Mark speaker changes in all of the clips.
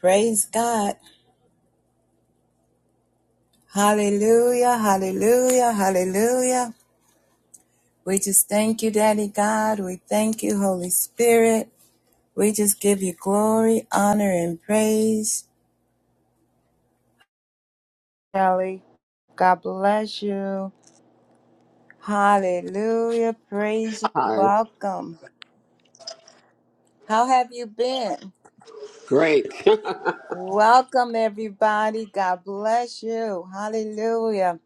Speaker 1: Praise God. Hallelujah, hallelujah, hallelujah. We just thank you, Daddy God. We thank you, Holy Spirit. We just give you glory, honor, and praise. Kelly, God bless you. Hallelujah, praise you.
Speaker 2: Hi.
Speaker 1: Welcome. How have you been?
Speaker 2: Great.
Speaker 1: Welcome, everybody. God bless you. Hallelujah.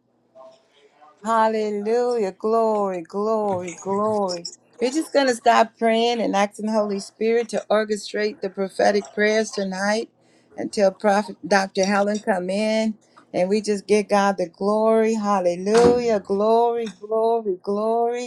Speaker 1: Hallelujah. Glory, glory, glory. We're just going to stop praying and asking Holy Spirit to orchestrate the prophetic prayers tonight until Prophet Dr. Helen come in and we just give God the glory. Hallelujah. Glory, glory, glory.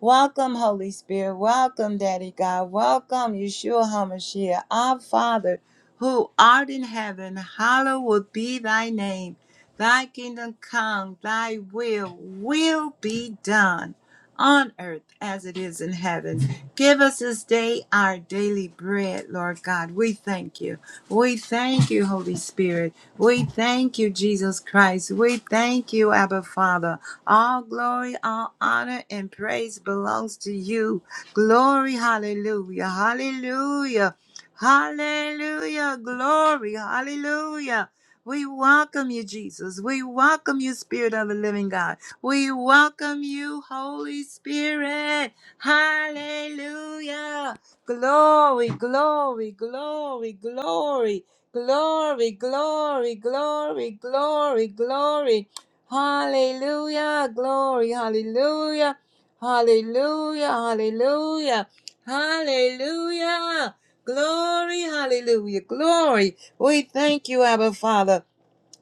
Speaker 1: Welcome, Holy Spirit. Welcome, Daddy God. Welcome, Yeshua HaMashiach, our Father, who art in heaven. Hallowed be thy name. Thy kingdom come, thy will will be done on earth as it is in heaven. Give us this day our daily bread, Lord God. We thank you. We thank you, Holy Spirit. We thank you, Jesus Christ. We thank you, Abba Father. All glory, all honor, and praise belongs to you. Glory, hallelujah, hallelujah, hallelujah, glory, hallelujah. We welcome you, Jesus. We welcome you, Spirit of the Living God. We welcome you, Holy Spirit. Hallelujah. Glory, glory, glory, glory. Glory, glory, glory, glory, glory. Hallelujah, glory, hallelujah, hallelujah, hallelujah, hallelujah. Glory, hallelujah, glory. We thank you, Abba Father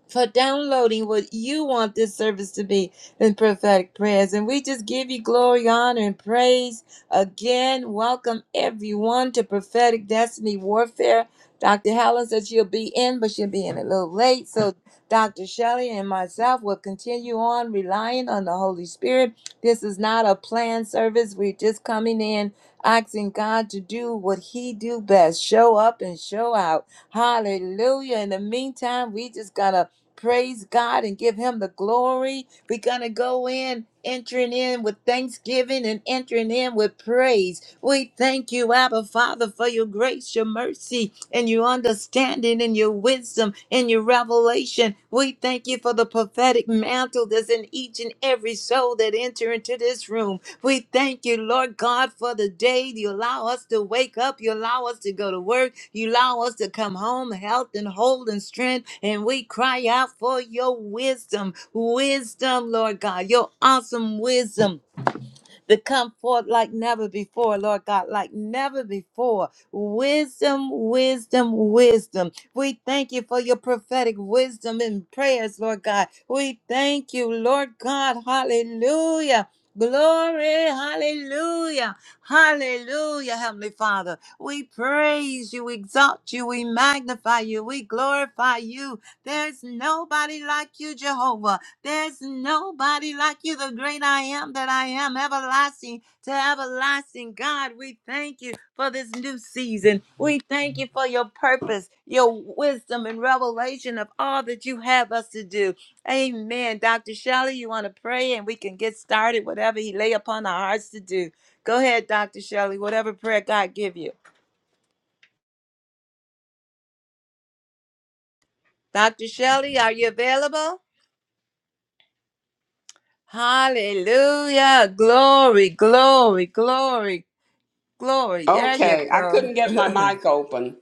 Speaker 1: for downloading what you want this service to be in prophetic prayers. And we just give you glory, honor, and praise. Again, welcome everyone to Prophetic Destiny Warfare. Dr. Helen said she'll be in, but she'll be in a little late. So Dr. Shelley and myself will continue on relying on the Holy Spirit. This is not a planned service. We're just coming in asking God to do what he do best. Show up and show out. Hallelujah. In the meantime, we just gotta praise God and give him the glory. We're going to go in, entering in with thanksgiving and entering in with praise. We thank you, Abba Father, for your grace, your mercy, and your understanding and your wisdom and your revelation. We thank you for the prophetic mantle that's in each and every soul that enter into this room. We thank you, Lord God, for the day you allow us to wake up. You allow us to go to work. You allow us to come home, health and whole and strength. And we cry out for your wisdom, wisdom, Lord God, your awesome wisdom to come forth like never before, Lord God, like never before. Wisdom, wisdom, wisdom. We thank you for your prophetic wisdom and prayers, Lord God. We thank you, Lord God. Hallelujah. Glory, hallelujah, hallelujah, Heavenly Father. We praise you, we exalt you, we magnify you, we glorify you. There's nobody like you, Jehovah. There's nobody like you, the great I am that I am, everlasting to everlasting. God, we thank you for this new season. We thank you for your purpose, your wisdom, and revelation of all that you have us to do. Amen. Dr. Shelley, you want to pray and we can get started, whatever He lay upon our hearts to do. Go ahead, Dr. Shelley, whatever prayer God give you. Dr. Shelley, are you available? Hallelujah. Glory, glory, glory. Glory. There you
Speaker 2: okay. I
Speaker 1: go.
Speaker 2: couldn't get my mic open.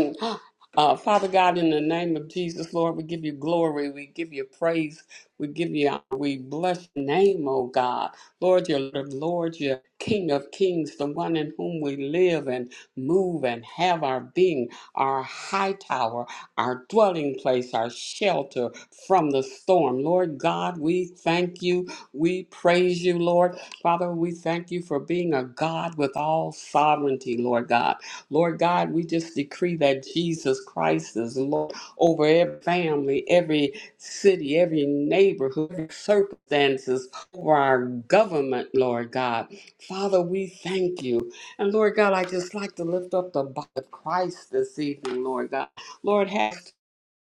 Speaker 2: uh, Father God, in the name of Jesus, Lord, we give you glory. We give you praise. We give you, honor. we bless your name, oh God. Lord, your Lord, Lord, your King of Kings, the one in whom we live and move and have our being, our high tower, our dwelling place, our shelter from the storm. Lord God, we thank you. We praise you, Lord. Father, we thank you for being a God with all sovereignty, Lord God. Lord God, we just decree that Jesus Christ is Lord over every family, every city, every neighborhood, every circumstances, over our government, Lord God. Father, we thank you. And Lord God, I just like to lift up the body of Christ this evening, Lord God. Lord, have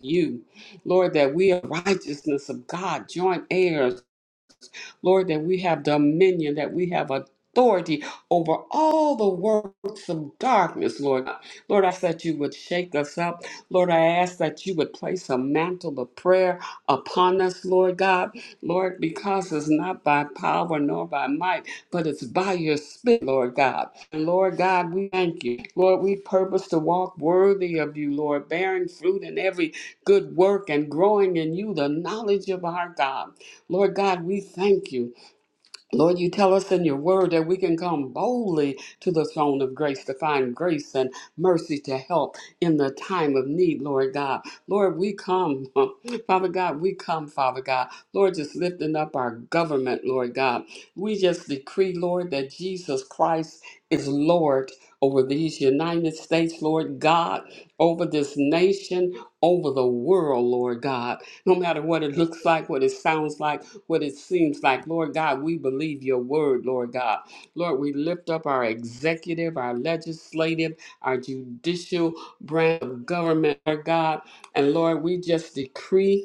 Speaker 2: you, Lord, that we are righteousness of God, joint heirs Lord, that we have dominion, that we have authority over all the works of darkness, Lord. Lord, I ask that you would shake us up. Lord, I ask that you would place a mantle of prayer upon us, Lord God. Lord, because it's not by power nor by might, but it's by your spirit, Lord God. And Lord God, we thank you. Lord, we purpose to walk worthy of you, Lord, bearing fruit in every good work and growing in you the knowledge of our God. Lord God, we thank you. Lord, you tell us in your word that we can come boldly to the throne of grace to find grace and mercy to help in the time of need, Lord God. Lord, we come, Father God, we come, Father God. Lord, just lifting up our government, Lord God. We just decree, Lord, that Jesus Christ is Lord over these United States, Lord God, over this nation, over the world, Lord God. No matter what it looks like, what it sounds like what it seems like. Lord God, we believe your word, Lord God. Lord, we lift up our executive, our legislative, our judicial branch of government, Lord God. And Lord, we just decree.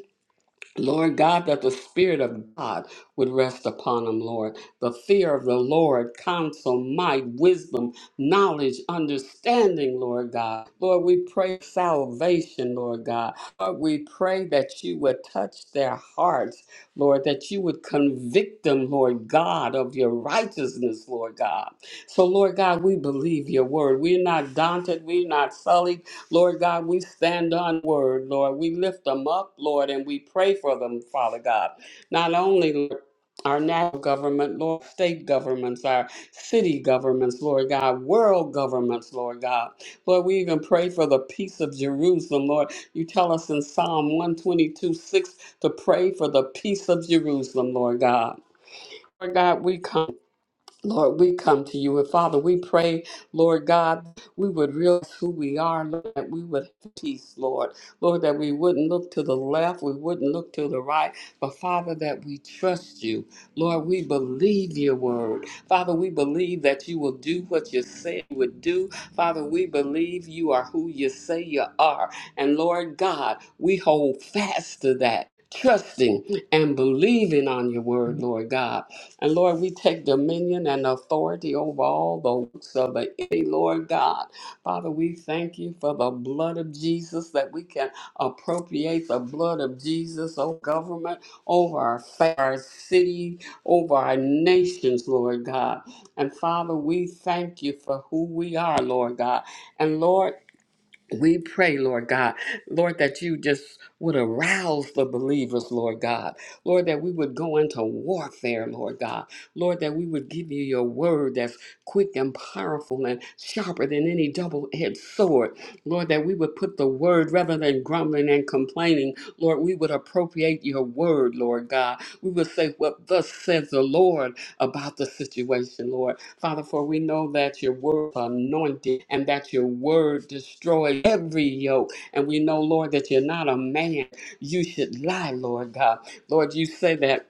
Speaker 2: Lord God, that the Spirit of God would rest upon them, Lord. The fear of the Lord, counsel, might, wisdom, knowledge, understanding, Lord God. Lord, we pray salvation, Lord God. Lord, we pray that you would touch their hearts, Lord, that you would convict them, Lord God, of your righteousness, Lord God. So, Lord God, we believe your word. We're not daunted, we're not sullied. Lord God, we stand on word, Lord. We lift them up, Lord, and we pray for them, Father God. Not only Lord, our national government, Lord, state governments, our city governments, Lord God, world governments, Lord God. Lord, we even pray for the peace of Jerusalem, Lord. You tell us in Psalm 122 6 to pray for the peace of Jerusalem, Lord God. Lord God, we come. Lord, we come to you. And Father, we pray, Lord God, we would realize who we are, Lord, that we would have peace, Lord. Lord, that we wouldn't look to the left, we wouldn't look to the right, but Father, that we trust you. Lord, we believe your word. Father, we believe that you will do what you say you would do. Father, we believe you are who you say you are. And Lord God, we hold fast to that. Trusting and believing on your word, Lord God. And Lord, we take dominion and authority over all the works of the enemy, Lord God. Father, we thank you for the blood of Jesus that we can appropriate the blood of Jesus over government, over our, fa- our city, over our nations, Lord God. And Father, we thank you for who we are, Lord God. And Lord, we pray, Lord God, Lord, that you just would arouse the believers, Lord God. Lord, that we would go into warfare, Lord God. Lord, that we would give you your word that's quick and powerful and sharper than any double edged sword. Lord, that we would put the word rather than grumbling and complaining. Lord, we would appropriate your word, Lord God. We would say what thus says the Lord about the situation, Lord. Father, for we know that your word anointed and that your word destroys every yoke. And we know, Lord, that you're not a man. You should lie, Lord God. Lord, you say that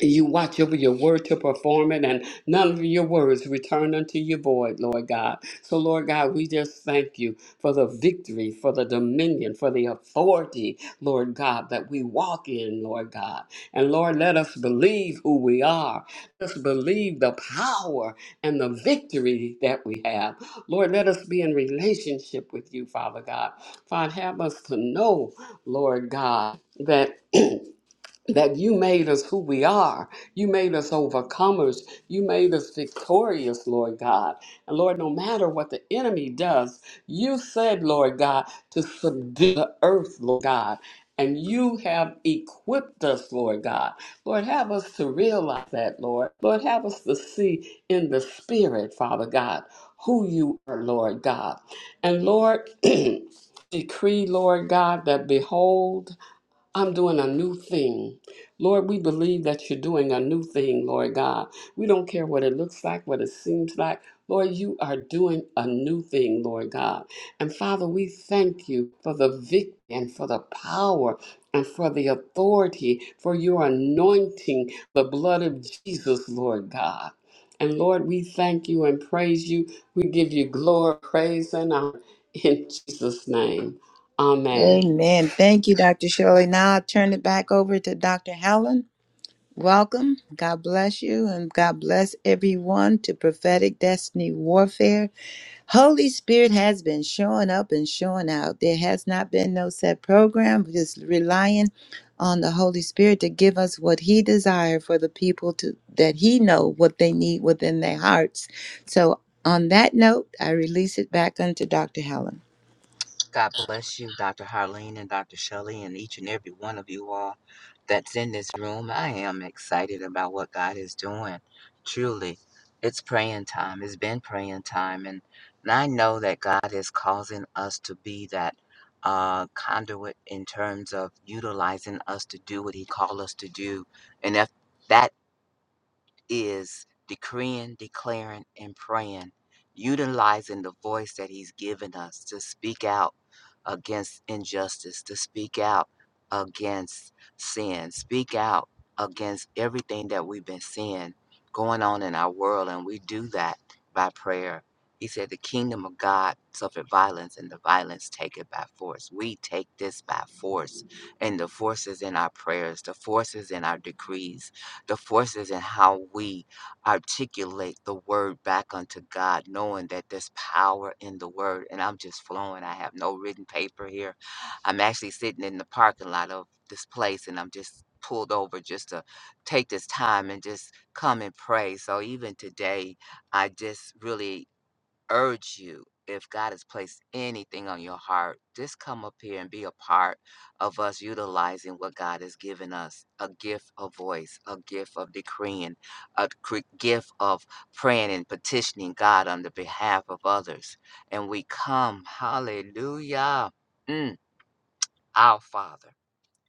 Speaker 2: you watch over your word to perform it, and none of your words return unto you void, Lord God. So, Lord God, we just thank you for the victory, for the dominion, for the authority, Lord God, that we walk in, Lord God. And Lord, let us believe who we are. Let us believe the power and the victory that we have. Lord, let us be in relationship with you, Father God. Father, have us to know, Lord God, that. that you made us who we are. You made us overcomers. You made us victorious, Lord God. And Lord, no matter what the enemy does, you said, Lord God, to subdue the earth, Lord God. And you have equipped us, Lord God. Lord, have us to realize that, Lord. Lord, have us to see in the spirit, Father God, who you are, Lord God. And Lord, decree, Lord God, that behold, I'm doing a new thing. Lord, we believe that you're doing a new thing, Lord God. We don't care what it looks like, what it seems like. Lord, you are doing a new thing, Lord God. And Father, we thank you for the victory and for the power and for the authority, for your anointing, the blood of Jesus, Lord God. And Lord, we thank you and praise you. We give you glory, praise, and honor in Jesus' name. Amen.
Speaker 1: Amen. Thank you, Dr. Shirley. Now I'll turn it back over to Dr. Helen. Welcome. God bless you and God bless everyone to prophetic destiny warfare. Holy Spirit has been showing up and showing out. There has not been no set program, We're just relying on the Holy Spirit to give us what he desires for the people to that he know what they need within their hearts. So on that note, I release it back unto Dr. Helen.
Speaker 3: God bless you, Dr. Harleen and Dr. Shelley, and each and every one of you all that's in this room. I am excited about what God is doing. Truly, it's praying time. It's been praying time. And, and I know that God is causing us to be that uh, conduit in terms of utilizing us to do what He called us to do. And if that is decreeing, declaring, and praying, utilizing the voice that He's given us to speak out against injustice, to speak out against sin, speak out against everything that we've been seeing going on in our world. And we do that by prayer. He said, The kingdom of God suffered violence, and the violence take it by force. We take this by force. And the force is in our prayers, the force is in our decrees, the forces and how we articulate the word back unto God, knowing that there's power in the word. And I'm just flowing. I have no written paper here. I'm actually sitting in the parking lot of this place and I'm just pulled over just to take this time and just come and pray. So even today, I just really urge you if God has placed anything on your heart, just come up here and be a part of us utilizing what God has given us a gift of voice, a gift of decreeing, a cre- gift of praying and petitioning God on the behalf of others. And we come, hallelujah, mm, our Father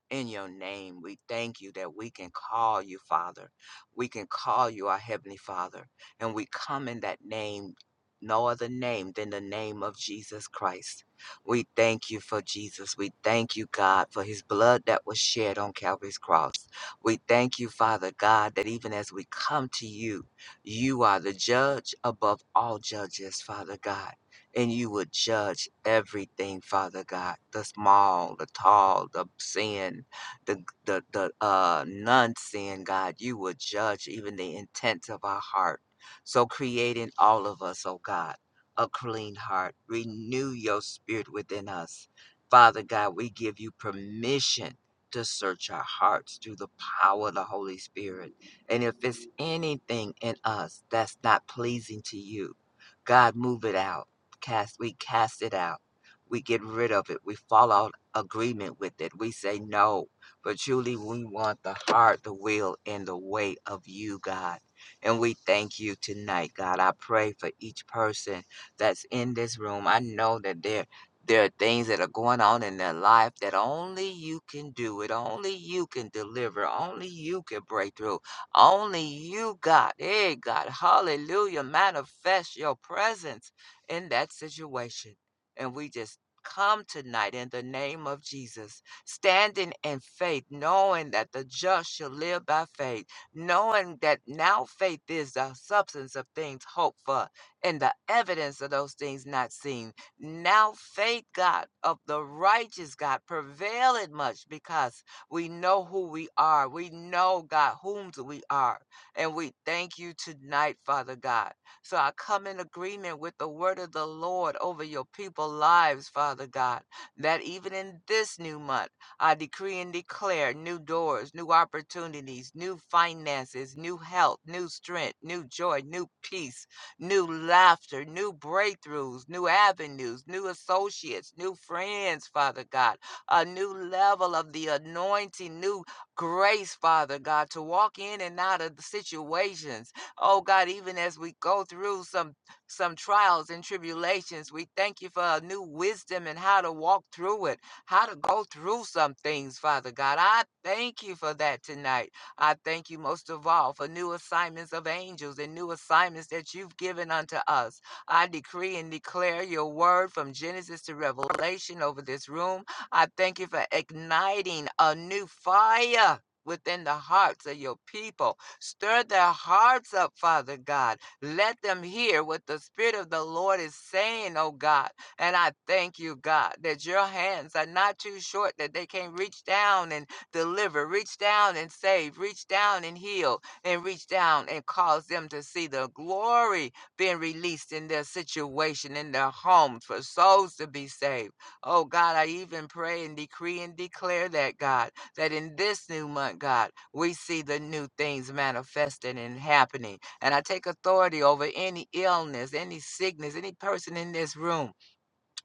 Speaker 3: in your name. We thank you that we can call you Father. We can call you our Heavenly Father. And we come in that name, no other name than the name of Jesus Christ. We thank you for Jesus. We thank you, God, for his blood that was shed on Calvary's cross. We thank you, Father God, that even as we come to you, you are the judge above all judges, Father God and you would judge everything, Father God, the small, the tall, the sin, the the the uh non-sin, God, you would judge even the intent of our heart. So creating all of us, oh God, a clean heart. Renew your spirit within us. Father God, we give you permission to search our hearts through the power of the Holy Spirit. And if it's anything in us that's not pleasing to you, God, move it out cast we cast it out we get rid of it we fall out agreement with it we say no but truly we want the heart the will and the way of you god and we thank you tonight god i pray for each person that's in this room i know that there there are things that are going on in their life that only you can do it. Only you can deliver. Only you can break through. Only you, God, hey, God, hallelujah, manifest your presence in that situation. And we just come tonight in the name of Jesus, standing in faith, knowing that the just shall live by faith, knowing that now faith is the substance of things hoped for and the evidence of those things not seen. Now faith, God, of the righteous God, prevaileth much because we know who we are. We know, God, whom we are. And we thank you tonight, Father God. So I come in agreement with the word of the Lord over your people's lives, Father God, that even in this new month, I decree and declare new doors, new opportunities, new finances, new health, new strength, new joy, new peace, new laughter, new breakthroughs, new avenues, new associates, new friends, Father God, a new level of the anointing, new grace, Father God, to walk in and out of the situations Oh God, even as we go through some some trials and tribulations, we thank you for a new wisdom and how to walk through it, how to go through some things, Father God. I thank you for that tonight. I thank you most of all for new assignments of angels and new assignments that you've given unto us. I decree and declare your word from Genesis to Revelation over this room. I thank you for igniting a new fire within the hearts of your people. Stir their hearts up, Father God. Let them hear what the Spirit of the Lord is saying, oh God. And I thank you, God, that your hands are not too short that they can reach down and deliver, reach down and save, reach down and heal, and reach down and cause them to see the glory being released in their situation, in their homes, for souls to be saved. Oh God, I even pray and decree and declare that, God that in this new month, God, we see the new things manifesting and happening. And I take authority over any illness, any sickness, any person in this room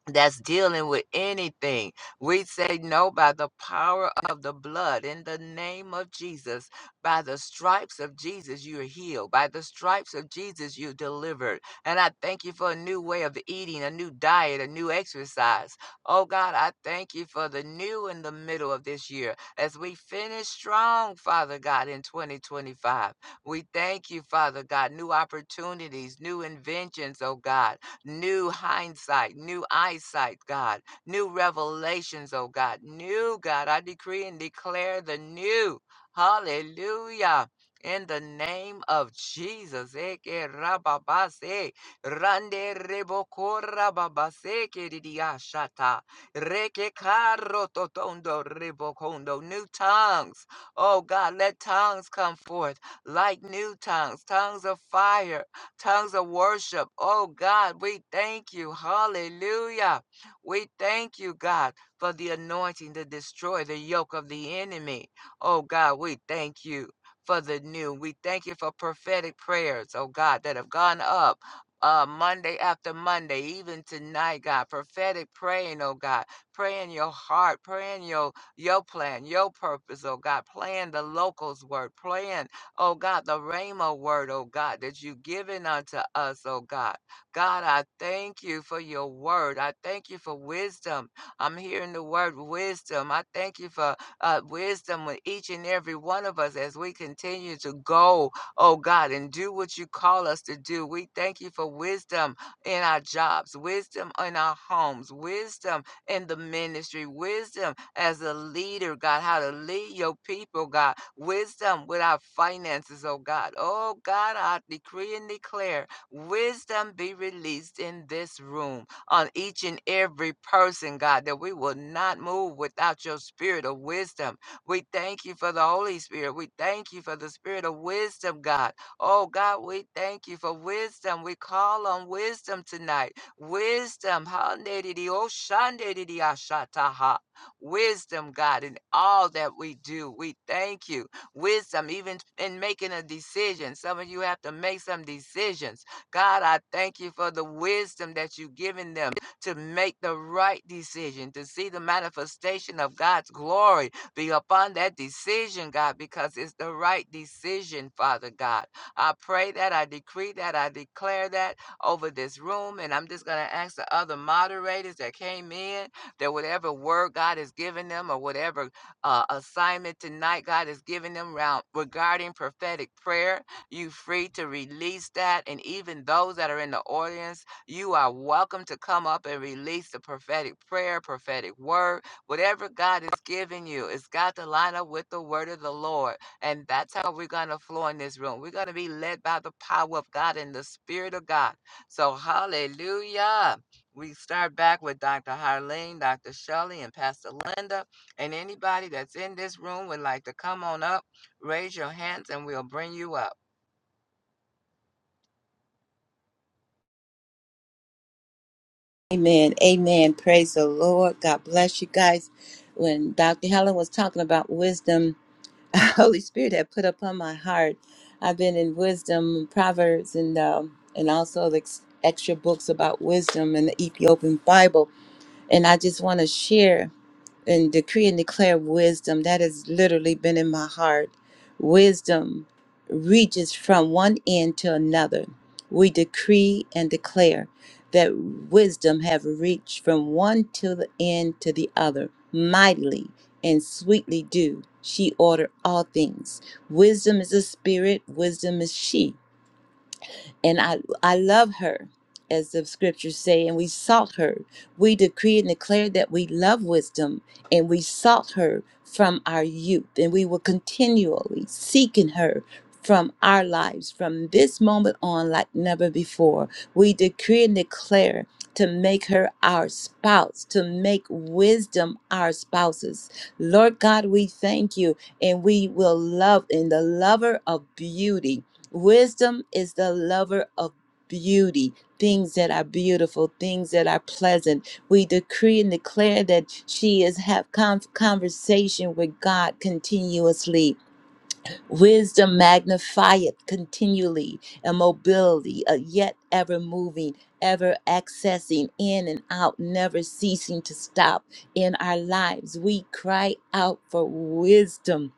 Speaker 3: that's dealing with anything. We say no by the power of the blood in the name of Jesus. By the stripes of Jesus, you're healed. By the stripes of Jesus, you're delivered. And I thank you for a new way of eating, a new diet, a new exercise. Oh God, I thank you for the new in the middle of this year as we finish strong, Father God, in 2025. We thank you, Father God, new opportunities, new inventions, oh God new hindsight, new eyesight, God, new revelations, oh God, new God. I decree and declare the new. Hallelujah. In the name of Jesus, Eke rababase, rande reboko rababase, kiridiashata, reke karototondo rebokondo, new tongues. Oh God, let tongues come forth like new tongues, tongues of fire tongues of worship. Oh God, we thank you. Hallelujah. We thank you, God, for the anointing to destroy the yoke of the enemy. Oh God, we thank you for the new. We thank you for prophetic prayers, oh God, that have gone up. Uh, Monday after Monday, even tonight, God, prophetic praying, oh God, pray in your heart, pray in your your plan, your purpose, oh God, playing the locals word, playing. Oh God, the Rhema word, oh God, that you've given unto us, oh God. God, I thank you for your word. I thank you for wisdom. I'm hearing the word wisdom. I thank you for uh, wisdom with each and every one of us as we continue to go, oh God, and do what you call us to do. We thank you for wisdom in our jobs, wisdom in our homes, wisdom in the ministry, wisdom as a leader, God, how to lead your people, God, wisdom with our finances, oh God. Oh God, I decree and declare wisdom be released in this room on each and every person, God, that we will not move without your spirit of wisdom. We thank you for the Holy Spirit. We thank you for the spirit of wisdom, God. Oh God, we thank you for wisdom. We call on wisdom tonight. Wisdom, ha ne di di o shan de wisdom, God, in all that we do. We thank you. Wisdom, even in making a decision. Some of you have to make some decisions. God, I thank you for the wisdom that you've given them to make the right decision, to see the manifestation of God's glory be upon that decision, God, because it's the right decision, Father God. I pray that, I decree that, I declare that over this room. And I'm just going to ask the other moderators that came in that whatever word God has given them or whatever uh, assignment tonight God has given them round, regarding prophetic prayer, you free to release that. And even those that are in the audience, you are welcome to come up and release the prophetic prayer, prophetic word, whatever God has given you. It's got to line up with the word of the Lord. And that's how we're going to flow in this room. We're going to be led by the power of God and the Spirit of God. So, hallelujah. We start back with Dr. Harleen, Dr. Shelley, and Pastor Linda. And anybody that's in this room would like to come on up, raise your hands, and we'll bring you up.
Speaker 1: Amen. Amen. Praise the Lord. God bless you guys. When Dr. Helen was talking about wisdom, Holy Spirit had put upon my heart. I've been in wisdom, Proverbs, and um, and also the ex- extra books about wisdom and the Ethiopian Bible. And I just want to share. and decree and declare wisdom. That has literally been in my heart. Wisdom reaches from one end to another. We decree and declare that wisdom have reached from one to the end to the other mightily and sweetly do she order all things wisdom is a spirit wisdom is she and I I love her, as the scriptures say, and we sought her. We decree and declare that we love wisdom, and we sought her from our youth, and we were continually seeking her from our lives from this moment on like never before. We decree and declare to make her our spouse, to make wisdom our spouses. Lord God, we thank you, and we will love in the lover of beauty. Wisdom is the lover of beauty, things that are beautiful, things that are pleasant. We decree and declare that she is have con- conversation with God continuously. Wisdom magnifieth continually, a mobility, a yet ever moving, ever accessing in and out, never ceasing to stop in our lives. We cry out for wisdom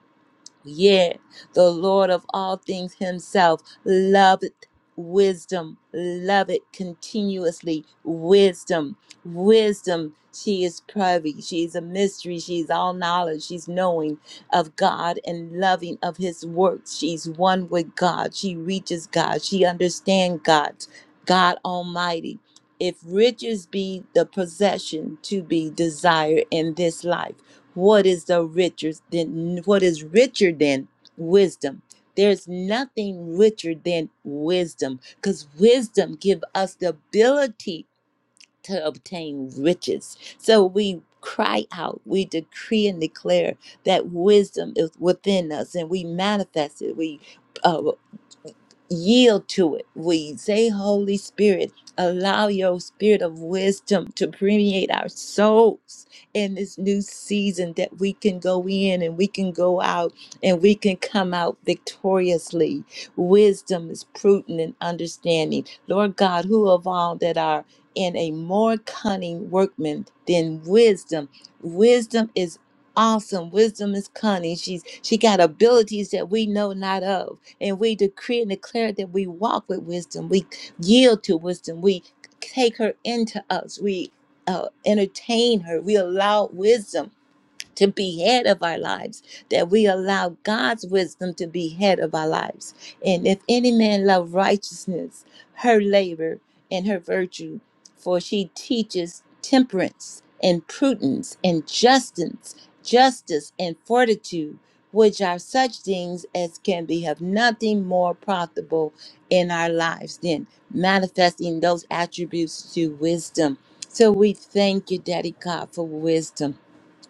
Speaker 1: Yet the Lord of all things himself loveth wisdom, loveth continuously wisdom. Wisdom, she is privy, she is a mystery, she's all knowledge, she's knowing of God and loving of his works. She's one with God, she reaches God, she understands God, God Almighty. If riches be the possession to be desired in this life, what is the richer than what is richer than wisdom? There's nothing richer than wisdom because wisdom give us the ability to obtain riches. So we cry out, we decree and declare that wisdom is within us and we manifest it. We uh, yield to it. We say, Holy Spirit, allow your spirit of wisdom to permeate our souls in this new season that we can go in and we can go out and we can come out victoriously. Wisdom is prudent and understanding. Lord God, who of all that are in a more cunning workman than wisdom? Wisdom is awesome wisdom is cunning she's she got abilities that we know not of and we decree and declare that we walk with wisdom. We yield to wisdom. We take her into us. We uh, entertain her. We allow wisdom to be head of our lives, that we allow God's wisdom to be head of our lives. And if any man love righteousness, her labor and her virtue, for she teaches temperance and prudence and justice, justice and fortitude, which are such things as can be of nothing more profitable in our lives than manifesting those attributes to wisdom. So we thank you, Daddy God, for wisdom.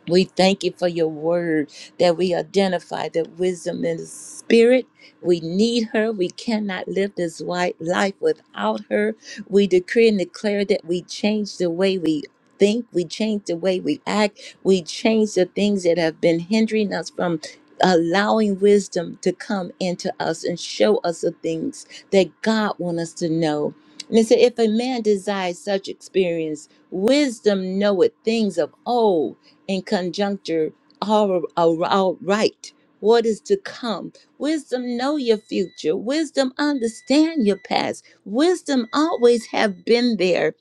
Speaker 1: We thank you for your word that we identify that wisdom is spirit. We need her. We cannot live this white life without her. We decree and declare that we change the way we think, we change the way we act, we change the things that have been hindering us from allowing wisdom to come into us and show us the things that God wants us to know. And it said, if a man desires such experience, wisdom knoweth things of old and conjuncture are all right. What is to come? Wisdom know your future. Wisdom understand your past. Wisdom always have been there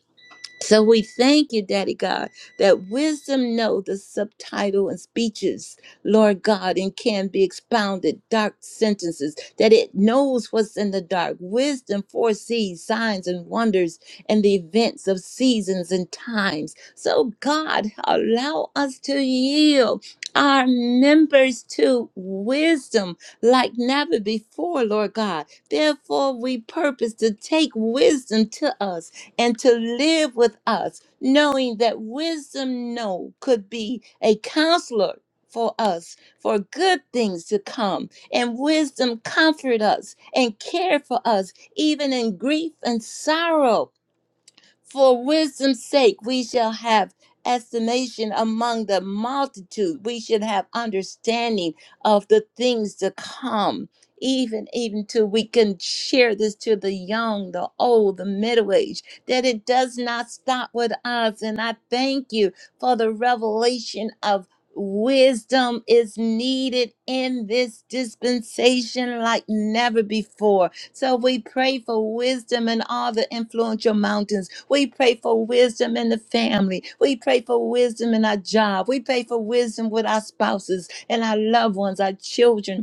Speaker 1: so we thank you, Daddy God, that wisdom know the subtitle and speeches, Lord God, and can be expounded, dark sentences, that it knows what's in the dark. Wisdom foresees signs and wonders and the events of seasons and times. So God, allow us to yield our members to wisdom like never before, Lord God. Therefore, we purpose to take wisdom to us and to live with us, knowing that wisdom no could be a counselor for us for good things to come and wisdom comfort us and care for us even in grief and sorrow for wisdom's sake, we shall have estimation among the multitude. We should have understanding of the things to come. Even, even to we can share this to the young, the old, the middle age, that it does not stop with us. And I thank you for the revelation of wisdom is needed in this dispensation like never before so we pray for wisdom in all the influential mountains. We pray for wisdom in the family. We pray for wisdom in our job. We pray for wisdom with our spouses and our loved ones, our children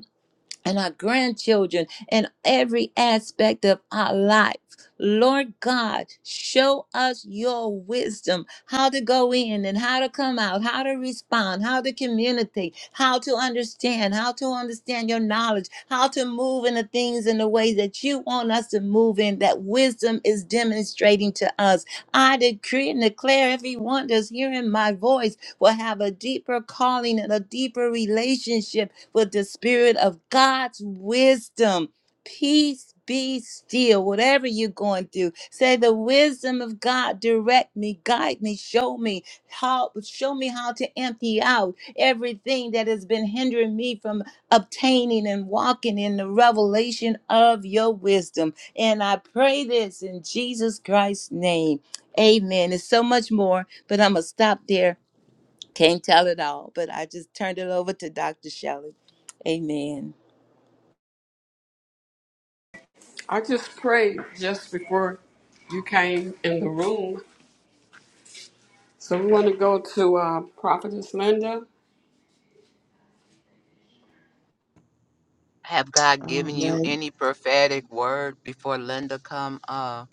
Speaker 1: and our grandchildren and every aspect of our life. Lord God, show us your wisdom, how to go in and how to come out, how to respond, how to communicate, how to understand, how to understand your knowledge, how to move in the things in the way that you want us to move in, that wisdom is demonstrating to us. I decree and declare everyone that's hearing my voice will have a deeper calling and a deeper relationship with the spirit of God's wisdom. Peace be still, whatever you're going through. Say the wisdom of God, direct me, guide me, show me how show me how to empty out everything that has been hindering me from obtaining and walking in the revelation of your wisdom. And I pray this in Jesus Christ's name. Amen. There's so much more, but I'm gonna stop there can't tell it all, but I just turned it over to Dr. Shelley. Amen.
Speaker 2: I just prayed just before you came in the room. So we want to go to uh, Prophetess Linda.
Speaker 3: Have God
Speaker 4: All
Speaker 3: given you
Speaker 4: right.
Speaker 3: any prophetic word before Linda come, uh,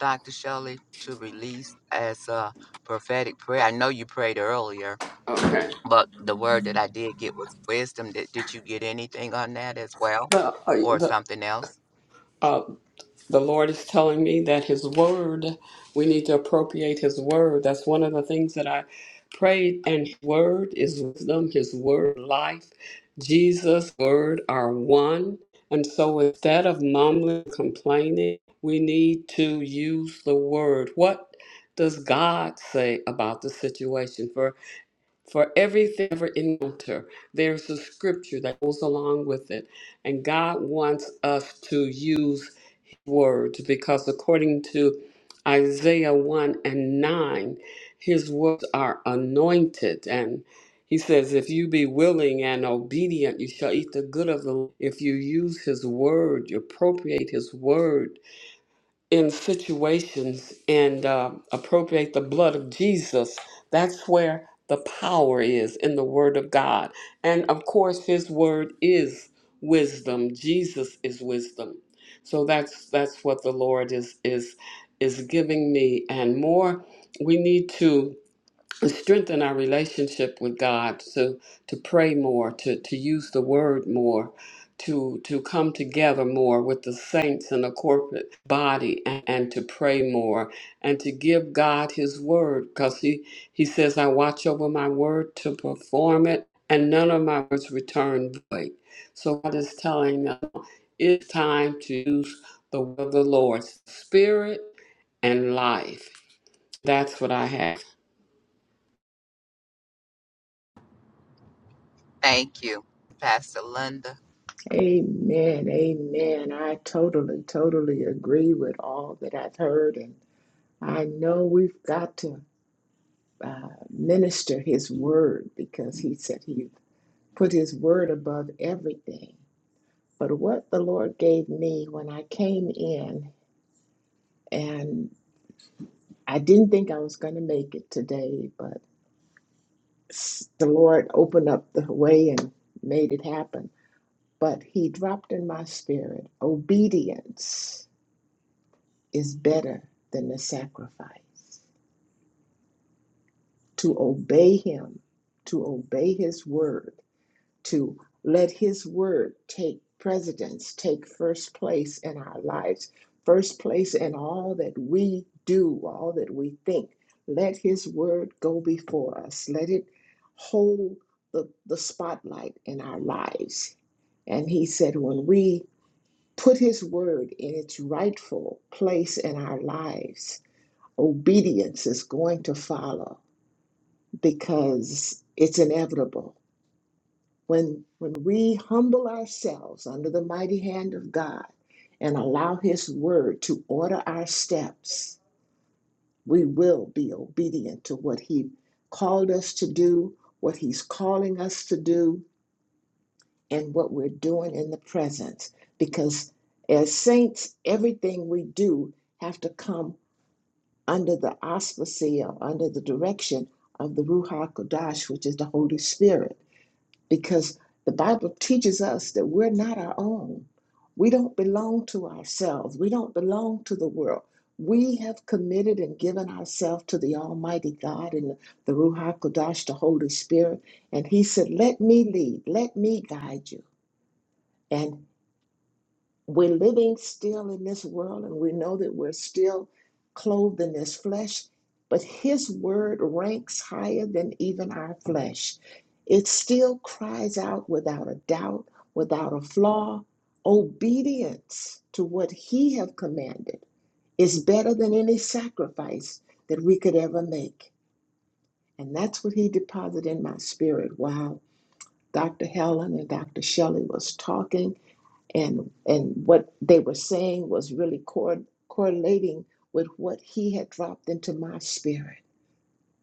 Speaker 3: Dr. Shelley, to release as a prophetic prayer? I know you prayed earlier,
Speaker 2: Okay.
Speaker 3: but the word that I did get was wisdom. Did, did you get anything on that as well
Speaker 2: The, uh,
Speaker 3: or
Speaker 2: the
Speaker 3: something else?
Speaker 2: Uh, the Lord is telling me that His Word, we need to appropriate His Word. That's one of the things that I prayed. And His Word is wisdom, His Word, life. Jesus' Word are one. And so instead of mumbling, complaining, we need to use the Word. What does God say about the situation? For for everything ever encounter, there's a scripture that goes along with it. And God wants us to use words because according to Isaiah 1 and 9, his words are anointed. And he says, If you be willing and obedient, you shall eat the good of the Lord. If you use his word, you appropriate his word, in situations and uh, appropriate the blood of Jesus. That's where the power is in the Word of God. And of course, His Word is wisdom. Jesus is wisdom. So that's that's what the Lord is is is giving me, and more. We need to and strengthen our relationship with God, to to pray more, to to use the word more, to to come together more with the saints in the corporate body and, and to pray more and to give God his word because he, he says, I watch over my word to perform it, and none of my words return void. So God is telling us it's time to use the word of the Lord, spirit and life. That's what I have.
Speaker 3: Thank you, Pastor Linda.
Speaker 4: Amen. Amen. I totally, totally agree with all that I've heard. And I know we've got to uh, minister his word because he said he put his word above everything. But what the Lord gave me when I came in, and I didn't think I was going to make it today, but s- the Lord opened up the way and made it happen. But he dropped in my spirit obedience is better than the sacrifice. To obey Him, to obey His word, to let His word take precedence, take first place in our lives, first place in all that we do, all that we think. Let His word go before us, let it hold the, the spotlight in our lives. And He said, when we put His word in its rightful place in our lives, obedience is going to follow because it's inevitable. When, when we humble ourselves under the mighty hand of God and allow His word to order our steps, we will be obedient to what He called us to do, what He's calling us to do, and what we're doing in the present. Because as saints, everything we do have to come under the auspices or under the direction of the Ruach Kodash, which is the Holy Spirit, because the Bible teaches us that we're not our own. We don't belong to ourselves. We don't belong to the world. We have committed and given ourselves to the Almighty God and the Ruach Kodash, the Holy Spirit. And He said, Let me lead, let me guide you. and we're living still in this world and we know that we're still clothed in this flesh, but His word ranks higher than even our flesh. It still cries out without a doubt, without a flaw. Obedience to what He have commanded is better than any sacrifice that we could ever make. And that's what He deposited in my spirit. Wow. Dr. Helen and Dr. Shelley was talking and and what they were saying was really cor- correlating with what he had dropped into my spirit.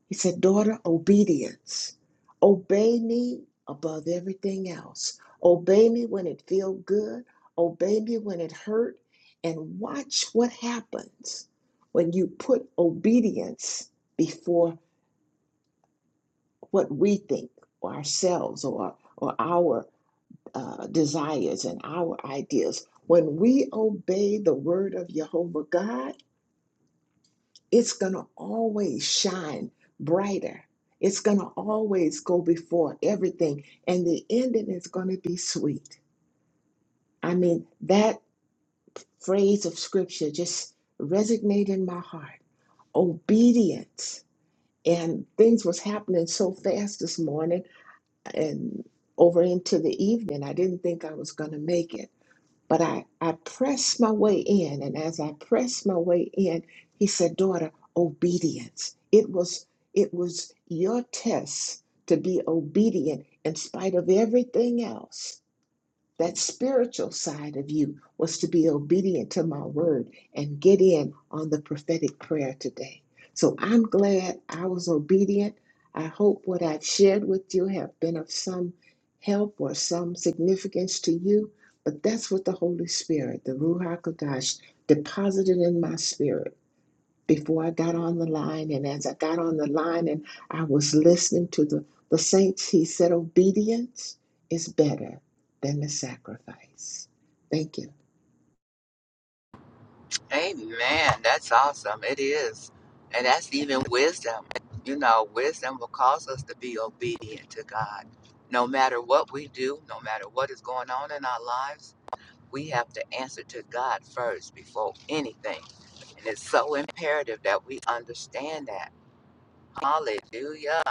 Speaker 4: He said, "Daughter, obedience. Obey me above everything else. Obey me when it feels good. Obey me when it hurt, and watch what happens when you put obedience before what we think or ourselves or or our uh, desires and our ideas. When we obey the word of Jehovah God, it's going to always shine brighter. It's going to always go before everything, and the ending is going to be sweet. I mean, that phrase of scripture just resonated in my heart. Obedience. And things was happening so fast this morning and over into the evening. I didn't think I was going to make it But I, I pressed my way in, and as I pressed my way in, he said, Daughter, obedience. It was it was your test to be obedient in spite of everything else that spiritual side of you was to be obedient to my word and get in on the prophetic prayer today. So I'm glad I was obedient. I hope what I've shared with you have been of some help or some significance to you. But that's what the Holy Spirit, the Ruach Kodesh, deposited in my spirit before I got on the line. And as I got on the line and I was listening to the, the saints, he said, Obedience is better than the sacrifice. Thank you,
Speaker 3: Amen. That's awesome. It is. And that's even wisdom. You know, wisdom will cause us to be obedient to God. No matter what we do, no matter what is going on in our lives, we have to answer to God first before anything. And it's so imperative that we understand that. Hallelujah.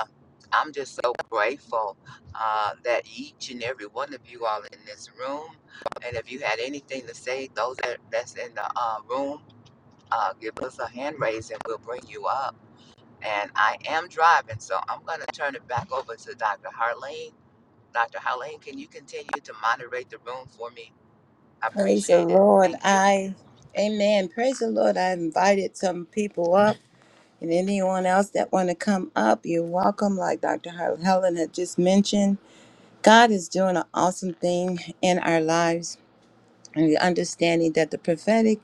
Speaker 3: I'm just so grateful uh, that each and every one of you all in this room, and if you had anything to say, those that, that's in the uh, room, uh, give us a hand raise and we'll bring you up. And I am driving, so I'm going to turn it back over to Dr. Harleen. Dr. Harleen, can you continue to moderate the room for me? I
Speaker 1: Praise the
Speaker 3: appreciate it.
Speaker 1: Lord.
Speaker 3: Thank you.
Speaker 1: I, amen. Praise the Lord. I invited some people up and anyone else that want to come up, you're welcome. Like Dr. Hel- Helen had just mentioned, God is doing an awesome thing in our lives. And the understanding that the prophetic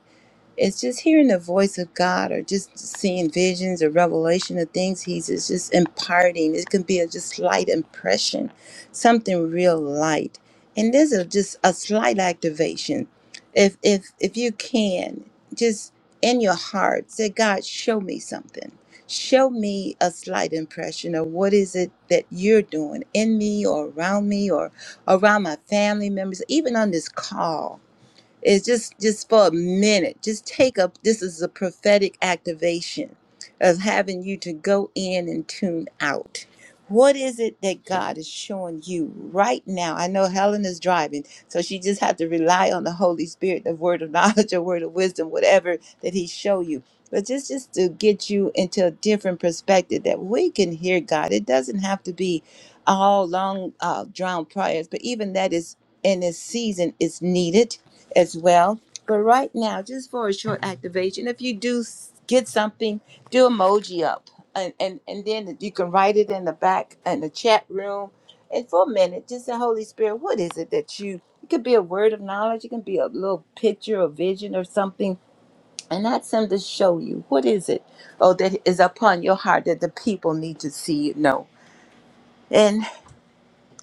Speaker 1: it's just hearing the voice of God or just seeing visions or revelation of things He's is just imparting. It can be a just slight impression, something real light. And there's a, just a slight activation. If if if you can, just in your heart, say, God, show me something. Show me a slight impression of what is it that you're doing in me or around me or around my family members, even on this call is just just for a minute. Just take up. This is a prophetic activation of having you to go in and tune out. What is it that God is showing you right now? I know Helen is driving, so she just have to rely on the Holy Spirit, the word of knowledge, or word of wisdom, whatever that He show you. But just just to get you into a different perspective that we can hear God. It doesn't have to be all long uh, drowned prayers, but even that is in this season is needed as well. But right now, just for a short activation, if you do s- get something, do emoji up, and and, and then you can write it in the back in the chat room, and for a minute, just the Holy Spirit, what is it that you? It could be a word of knowledge, it can be a little picture or vision or something, and ask them to show you what is it, oh that is upon your heart that the people need to see you know.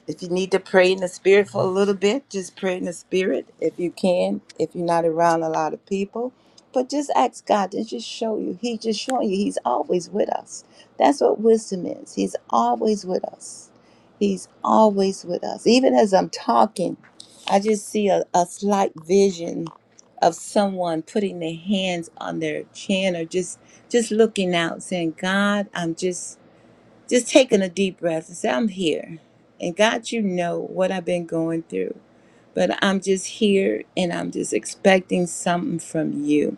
Speaker 1: If you need to pray in the spirit for a little bit, just pray in the spirit if you can. If you're not around a lot of people, but just ask God to just show you. He just showing you. He's always with us. That's what wisdom is. He's always with us. He's always with us. Even as I'm talking, I just see a, a slight vision of someone putting their hands on their chin or just just looking out, saying, "God, I'm just." Just taking a deep breath and say, I'm here. And God, you know what I've been going through, but I'm just here and I'm just expecting something from you.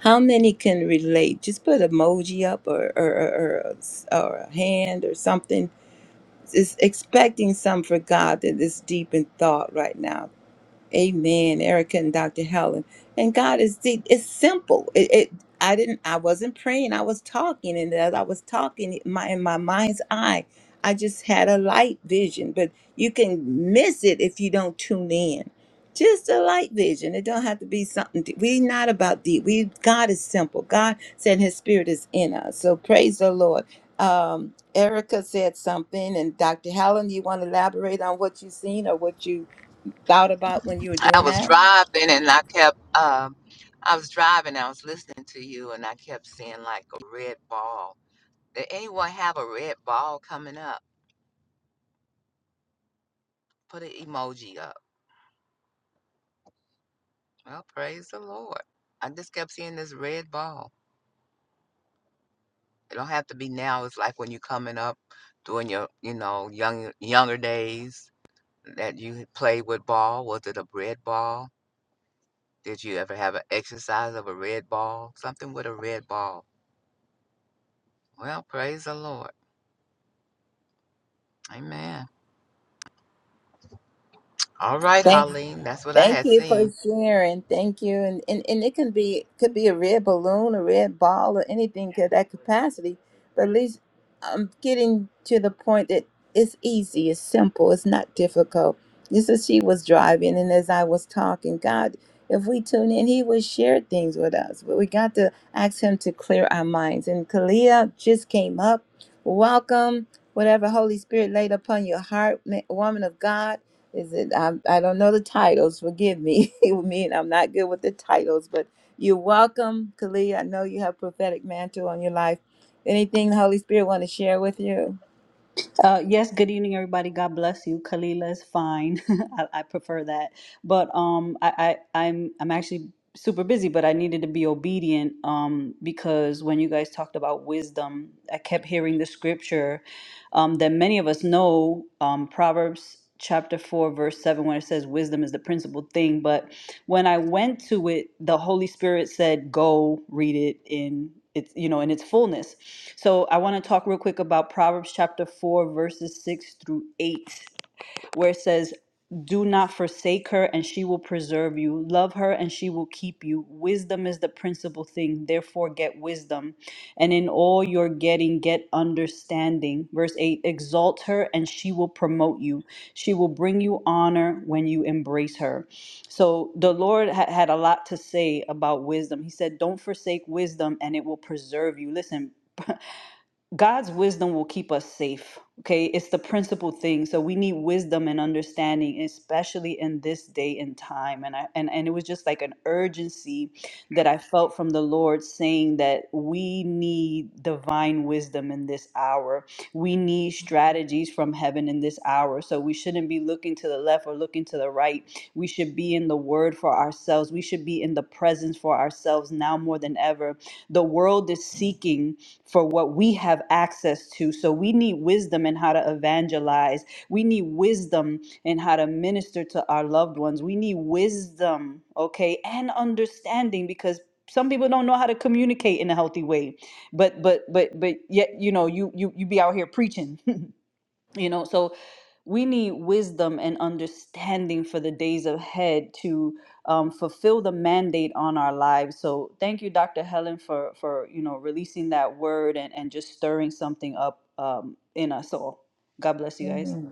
Speaker 1: How many can relate? Just put emoji up or, or, or, or, or a hand or something. Just expecting something for God that is deep in thought right now. Amen, Erica and Dr. Helen. And God is deep. It's simple. It, it I didn't I wasn't praying. I was talking and as I was talking my in my mind's eye, I just had a light vision, but you can miss it if you don't tune in. Just a light vision. It don't have to be something deep. we not about deep. We God is simple. God said his spirit is in us. So praise the Lord. Um Erica said something and Dr. Helen, you want to elaborate on what you've seen or what you thought about when you were
Speaker 3: I
Speaker 1: doing
Speaker 3: was
Speaker 1: that?
Speaker 3: driving and I kept, um, I was driving, I was listening to you and I kept seeing like a red ball. Did anyone have a red ball coming up? Put an emoji up. Well, praise the Lord. I just kept seeing this red ball. It don't have to be now. It's like when you're coming up, during your you know young younger days that you had played with ball. Was it a red ball? Did you ever have an exercise of a red ball? Something with a red ball. Well, praise the Lord. Amen. All right,
Speaker 1: Thank
Speaker 3: Holleen, that's what I
Speaker 1: Thank
Speaker 3: had
Speaker 1: you for
Speaker 3: seen.
Speaker 1: sharing. Thank you. And, and and it can be could be a red balloon, a red ball, or anything to that capacity. But at least I'm getting to the point that it's easy, it's simple, it's not difficult. Just as she was driving and as I was talking, God, if we tune in, He would share things with us. But we got to ask Him to clear our minds. And Kalia just came up. Welcome. Whatever Holy Spirit laid upon your heart, ma- woman of God is it? I'm, I don't know the titles. Forgive me. I mean, I'm not good with the titles, but you're welcome, Kali. I know you have prophetic mantle on your life. Anything the Holy Spirit want to share with you?
Speaker 5: Uh, yes, good evening, everybody. God bless you. Kalila is fine. I, I prefer that. But um, I, I, I'm I'm actually super busy, but I needed to be obedient um, because when you guys talked about wisdom, I kept hearing the scripture um, that many of us know, um, Proverbs chapter 4, verse 7, when it says wisdom is the principal thing. But when I went to it, the Holy Spirit said, "Go read it in its you know in its fullness." So I want to talk real quick about Proverbs chapter four, verses six through eight where it says, Do not forsake her, and she will preserve you. Love her, and she will keep you. Wisdom is the principal thing. Therefore, get wisdom. And in all your getting, get understanding. Verse 8 Exalt her, and she will promote you. She will bring you honor when you embrace her. So the Lord ha- had a lot to say about wisdom. He said, Don't forsake wisdom, and it will preserve you. Listen, God's wisdom will keep us safe. Okay. It's the principal thing. So we need wisdom and understanding, especially in this day and time. And I and, and it was just like an urgency that I felt from the Lord saying that we need divine wisdom in this hour. We need strategies from heaven in this hour. So we shouldn't be looking to the left or looking to the right. We should be in the word for ourselves. We should be in the presence for ourselves now more than ever. The world is seeking for what we have access to. So we need wisdom in how to evangelize. We need wisdom in how to minister to our loved ones. We need wisdom, okay, and understanding because some people don't know how to communicate in a healthy way. But but but but yet, you know, you you you be out here preaching. you know so we need wisdom and understanding for the days ahead to um, fulfill the mandate on our lives so thank you dr helen for for you know releasing that word and and just stirring something up um, in us all god bless you guys
Speaker 1: Amen.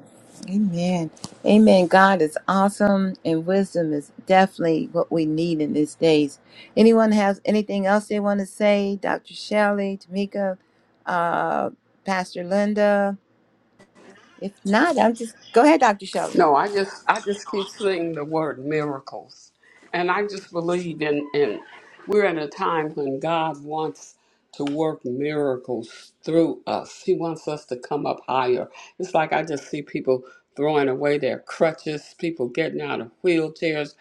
Speaker 1: Amen. Amen. God is awesome, and wisdom is definitely what we need in these days. Anyone has anything else they want to say? Dr. Shelley, Tamika, uh, Pastor Linda. If not, I'm just go ahead, Dr. Shelley.
Speaker 2: No, I just I just keep seeing the word miracles. And I just believe in, in we're in a time when God wants to work miracles through us. He wants us to come up higher. It's like I just see people throwing away their crutches, people getting out of wheelchairs.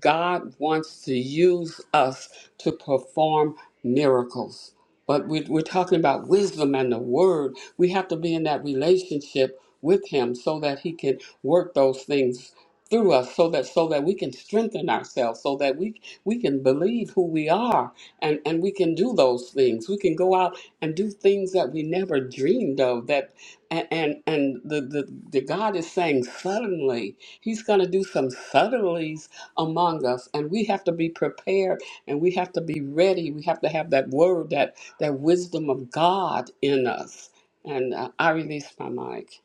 Speaker 2: God wants to use us to perform miracles. But we, we're talking about wisdom and the word. We have to be in that relationship with Him so that He can work those things through us so that so that we can strengthen ourselves so that we we can believe who we are and and we can do those things we can go out and do things that we never dreamed of that and and, and the, the the god is saying suddenly he's going to do some suddenlies among us and we have to be prepared and we have to be ready we have to have that word that that wisdom of God in us. And uh, I release my mic.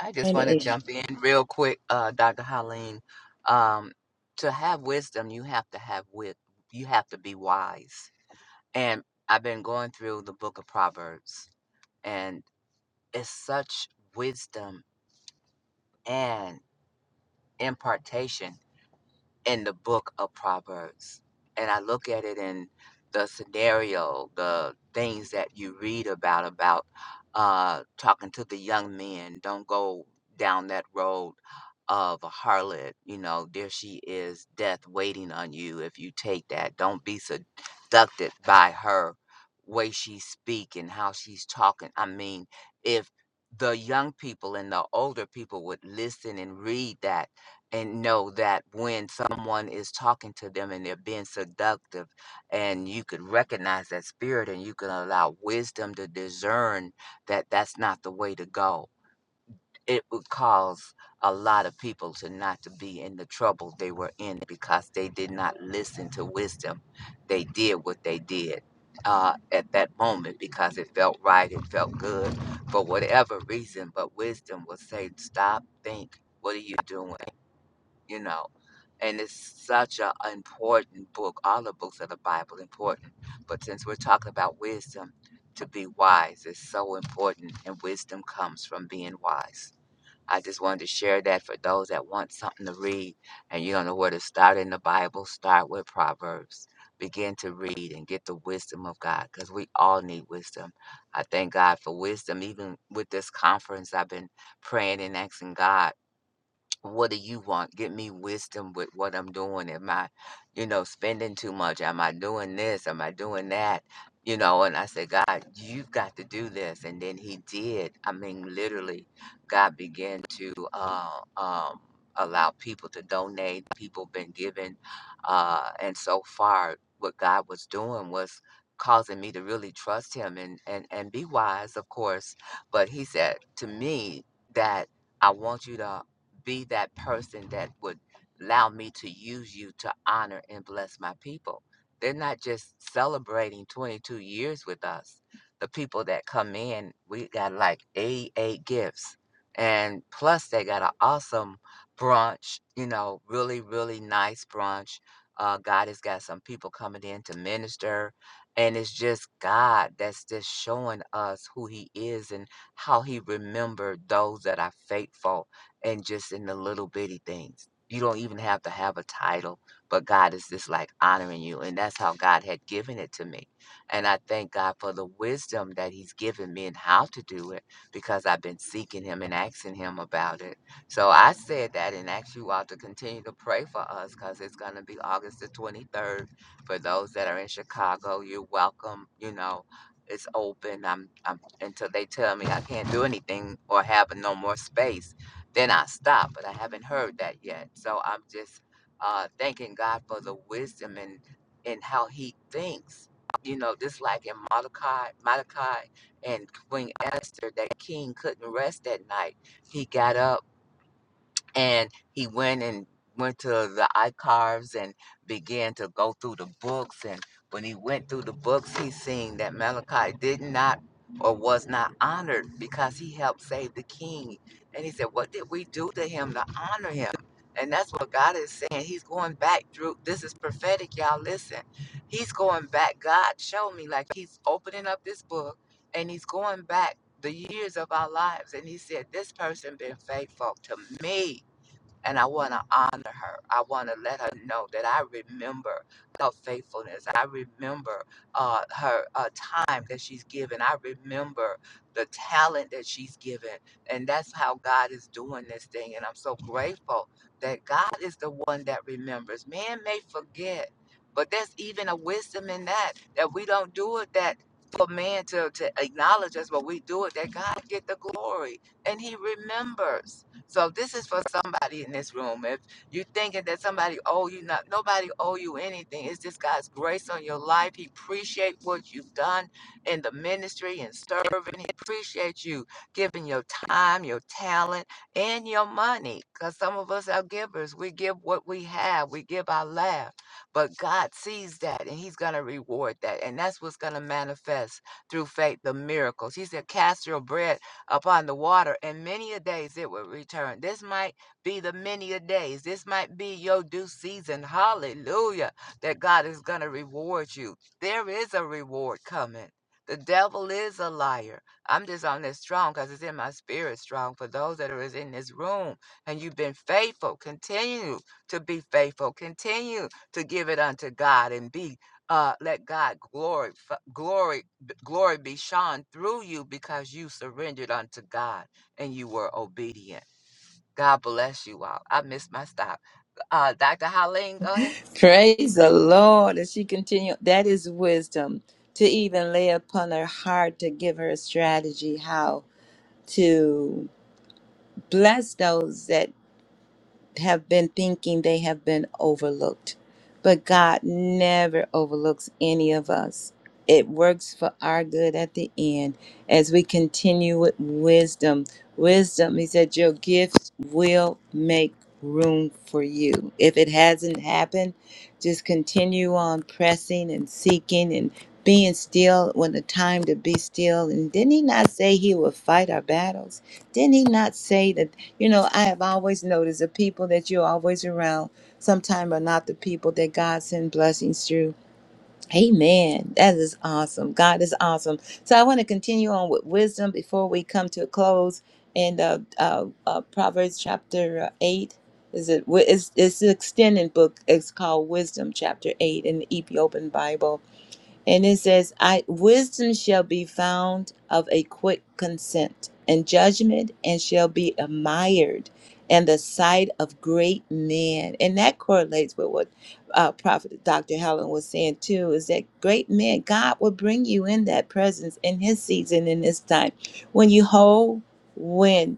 Speaker 3: I just want to jump in real quick, uh, Dr. Holleen. Um, to have wisdom, you have to have wit. You have to be wise. And I've been going through the book of Proverbs, and. is such wisdom and impartation in the book of Proverbs. And I look at it in the scenario, the things that you read about, about uh, talking to the young men, don't go down that road of a harlot. You know, there she is, death waiting on you if you take that. Don't be seducted by her way she's speaking, how she's talking. I mean, if the young people and the older people would listen and read that and know that when someone is talking to them and they're being seductive and you could recognize that spirit and you can allow wisdom to discern that that's not the way to go it would cause a lot of people to not to be in the trouble they were in because they did not listen to wisdom they did what they did uh, at that moment because it felt right it felt good for whatever reason but wisdom will say stop think what are you doing you know. And it's such an important book. All the books of the Bible important, but since we're talking about wisdom, to be wise is so important, and wisdom comes from being wise. I just wanted to share that for those that want something to read and you don't know where to start in the Bible. Start with Proverbs. Begin to read and get the wisdom of God, because we all need wisdom. I thank God for wisdom. Even with this conference, I've been praying and asking God what do you want? Give me wisdom with what I'm doing. Am I, you know, spending too much? Am I doing this? Am I doing that? You know, and I said, God, you've got to do this. And then he did. I mean, literally, God began to uh, um, allow people to donate. People been giving. Uh, and so far, what God was doing was causing me to really trust him and, and, and be wise, of course. But he said to me that I want you to be that person that would allow me to use you to honor and bless my people. They're not just celebrating 22 years with us. The people that come in, we got like 88 gifts. And plus, they got an awesome brunch, you know, really, really nice brunch. Uh, God has got some people coming in to minister. And it's just God that's just showing us who He is and how He remembered those that are faithful and just in the little bitty things. You don't even have to have a title, but God is just like honoring you. And that's how God had given it to me. And I thank God for the wisdom that He's given me and how to do it because I've been seeking Him and asking Him about it. So I said that and asked you all to continue to pray for us because it's going to be August the 23rd. For those that are in Chicago, you're welcome. You know, it's open. I'm, I'm until they tell me I can't do anything or have no more space then I stop. But I haven't heard that yet. So I'm just uh, thanking God for the wisdom and and how He thinks. You know, just like in Mordecai, Mordecai and Queen Esther, that king couldn't rest that night. He got up and he went and went to the archives and began to go through the books and when he went through the books he seen that malachi did not or was not honored because he helped save the king and he said what did we do to him to honor him and that's what god is saying he's going back through this is prophetic y'all listen he's going back god showed me like he's opening up this book and he's going back the years of our lives and he said this person been faithful to me and I want to honor her. I want to let her know that I remember her faithfulness. I remember uh, her uh, time that she's given. I remember the talent that she's given. And that's how God is doing this thing. And I'm so grateful that God is the one that remembers. Man may forget, but there's even a wisdom in that, that we don't do it that for man to, to acknowledge us, but we do it that God get the glory. And he remembers. So if this is for somebody in this room. If you are thinking that somebody owe you not nobody owe you anything, it's just God's grace on your life. He appreciate what you've done in the ministry and serving. He appreciate you giving your time, your talent, and your money. Because some of us are givers. We give what we have. We give our laugh. But God sees that and He's gonna reward that. And that's what's gonna manifest through faith, the miracles. He said, Cast your bread upon the water, and many a days it will return. This might be the many a days. This might be your due season. Hallelujah. That God is going to reward you. There is a reward coming. The devil is a liar. I'm just on this strong because it's in my spirit strong. For those that are is in this room and you've been faithful, continue to be faithful. Continue to give it unto God and be uh, let God glory, glory Glory be shone through you because you surrendered unto God and you were obedient. God bless you all. I missed my stop. Uh, Dr. Holleen, go ahead.
Speaker 1: Praise the Lord. As she continued, that is wisdom to even lay upon her heart to give her a strategy how to bless those that have been thinking they have been overlooked. But God never overlooks any of us. It works for our good at the end as we continue with wisdom. Wisdom, he said, your gifts will make room for you. If it hasn't happened, just continue on pressing and seeking and being still when the time to be still. And didn't he not say he would fight our battles? Didn't he not say that? You know, I have always noticed the people that you're always around sometimes are not the people that God sends blessings through. Amen. That is awesome. God is awesome. So I want to continue on with wisdom before we come to a close. And uh, uh, uh, Proverbs chapter uh, 8 is it? wi- It's, it's an extended book. It's called Wisdom chapter 8 in the Ethiopian Bible. And it says, I wisdom shall be found of a quick consent and judgment and shall be admired in the sight of great men. And that correlates with what uh, Prophet Dr. Helen was saying too, is that great men, God will bring you in that presence in his season in this time. When you hold when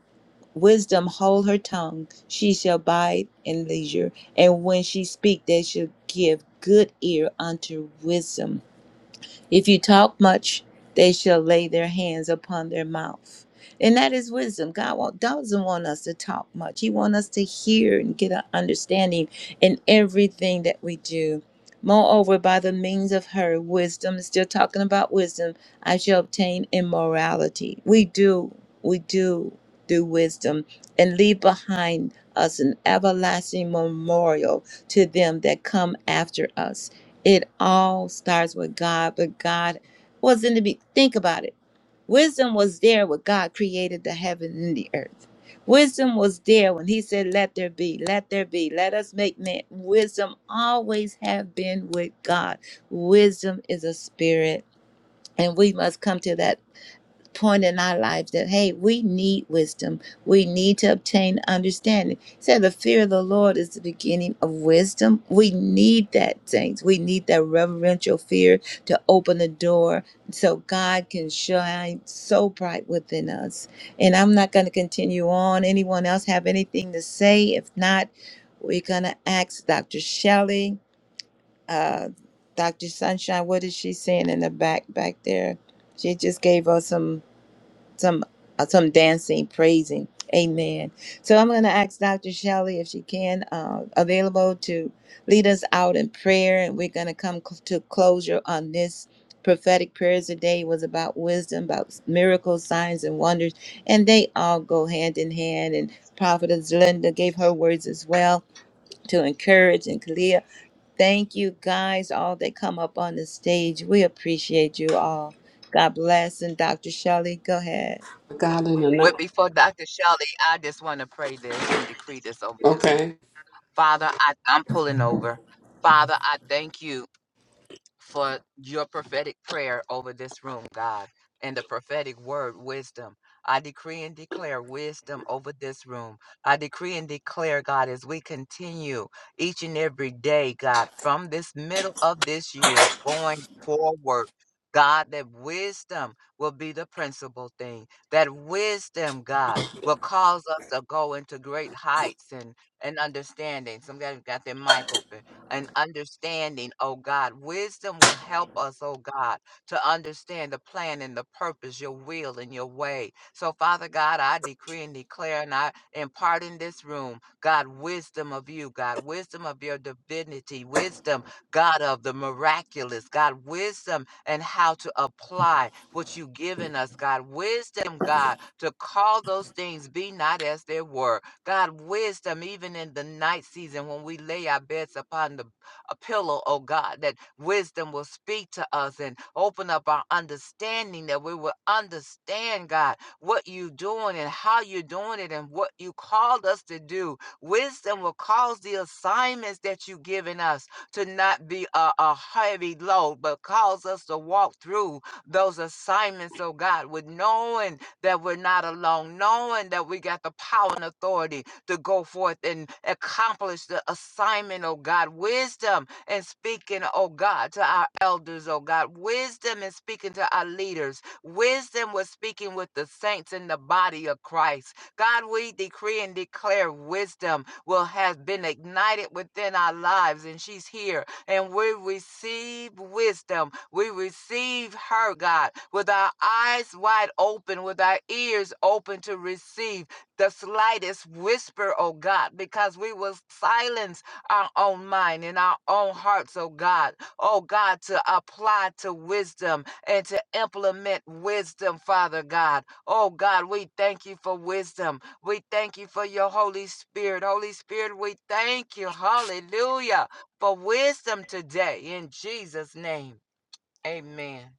Speaker 1: wisdom hold her tongue, she shall bide in leisure. And when she speak, they shall give good ear unto wisdom if you talk much, they shall lay their hands upon their mouth. And that is wisdom. God wa- doesn't want us to talk much. He wants us to hear and get an understanding in everything that we do. Moreover, by the means of her wisdom, still talking about wisdom, I shall obtain immorality. We do, we do do wisdom and leave behind us an everlasting memorial to them that come after us. It all starts with God, but God was in the be think about it. Wisdom was there when God created the heaven and the earth. Wisdom was there when he said, Let there be, let there be, let us make man. Wisdom always have been with God. Wisdom is a spirit, and we must come to that point in our lives that hey we need wisdom we need to obtain understanding He said the fear of the lord is the beginning of wisdom we need that saints we need that reverential fear to open the door so god can shine so bright within us and i'm not going to continue on anyone else have anything to say if not we're going to ask dr shelley uh, dr sunshine what is she saying in the back back there she just gave us some some uh, some dancing, praising. Amen. So I'm going to ask Dr. Shelley if she can uh, available to lead us out in prayer, and we're going to come cl- to closure on this prophetic prayers today was about wisdom, about miracles, signs, and wonders, and they all go hand in hand. And Prophetess Linda gave her words as well to encourage and Kalia. Thank you guys, all that come up on the stage. We appreciate you all. God bless. And Dr. Shelley, go ahead.
Speaker 2: God in the night.
Speaker 3: But before Dr. Shelley, I just want to pray this and decree this over this.
Speaker 2: Okay.
Speaker 3: Father, I, I'm pulling over. Father, I thank you. for your prophetic prayer over this room, God, and the prophetic word, wisdom. I decree and declare wisdom over this room. I decree and declare, God, as we continue each and every day, God, from this middle of this year going forward. God, that wisdom will be the principal thing. That wisdom, God, will cause us to go into great heights and, and understanding. Somebody got their mic open and understanding, oh God. Wisdom will help us, oh God, to understand the plan and the purpose, your will and your way. So, Father God, I decree and declare and I impart in this room, God, wisdom of you, God, wisdom of your divinity, wisdom, God, of the miraculous, God, wisdom and how to apply what you've given us, God, wisdom, God, to call those things be not as they were. God, wisdom even in the night season when we lay our beds upon the a pillow, oh God, that wisdom will speak to us and open up our understanding that we will understand, God, what you're doing and how you're doing it and what you called us to do. Wisdom will cause the assignments that you've given us to not be a, a heavy load, but cause us to walk through those assignments, oh God, with knowing that we're not alone, knowing that we got the power and authority to go forth and accomplish the assignment, oh God. Wisdom and speaking, oh God, to our elders, oh God. Wisdom and speaking to our leaders. Wisdom was speaking with the saints in the body of Christ. God, we decree and declare wisdom will have been ignited within our lives, and she's here and we receive wisdom. We receive her, God, with our eyes wide open, with our ears open to receive the slightest whisper, oh God, because we will silence our own mind and our own hearts, oh God, oh God, to apply to wisdom and to implement wisdom, Father God. Oh God, we thank you for wisdom. We thank you for your Holy Spirit. Holy Spirit, we thank you. Hallelujah for wisdom today in Jesus' name. Amen.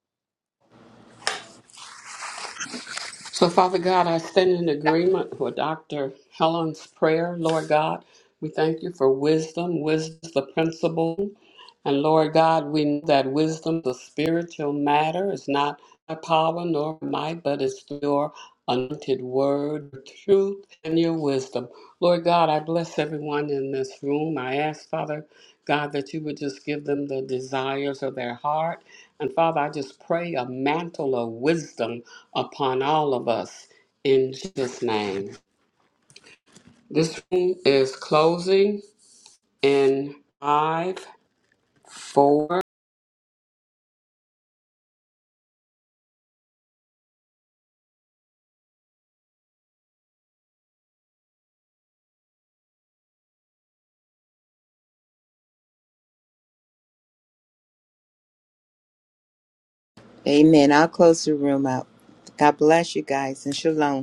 Speaker 2: So, Father God, I stand in agreement with Dr. Helen's prayer. Lord God, we thank you for wisdom. Wisdom is the principle. And Lord God, we know that wisdom is a spiritual matter. It's not by power nor might, but it's through your anointed word, truth, and your wisdom. Lord God, I bless everyone in this room. I ask, Father God, that you would just give them the desires of their heart. And Father, I just pray a mantle of wisdom upon all of us in Jesus' name. This room is closing in five, four.
Speaker 1: Amen. I'll close the room out. God bless you guys and shalom.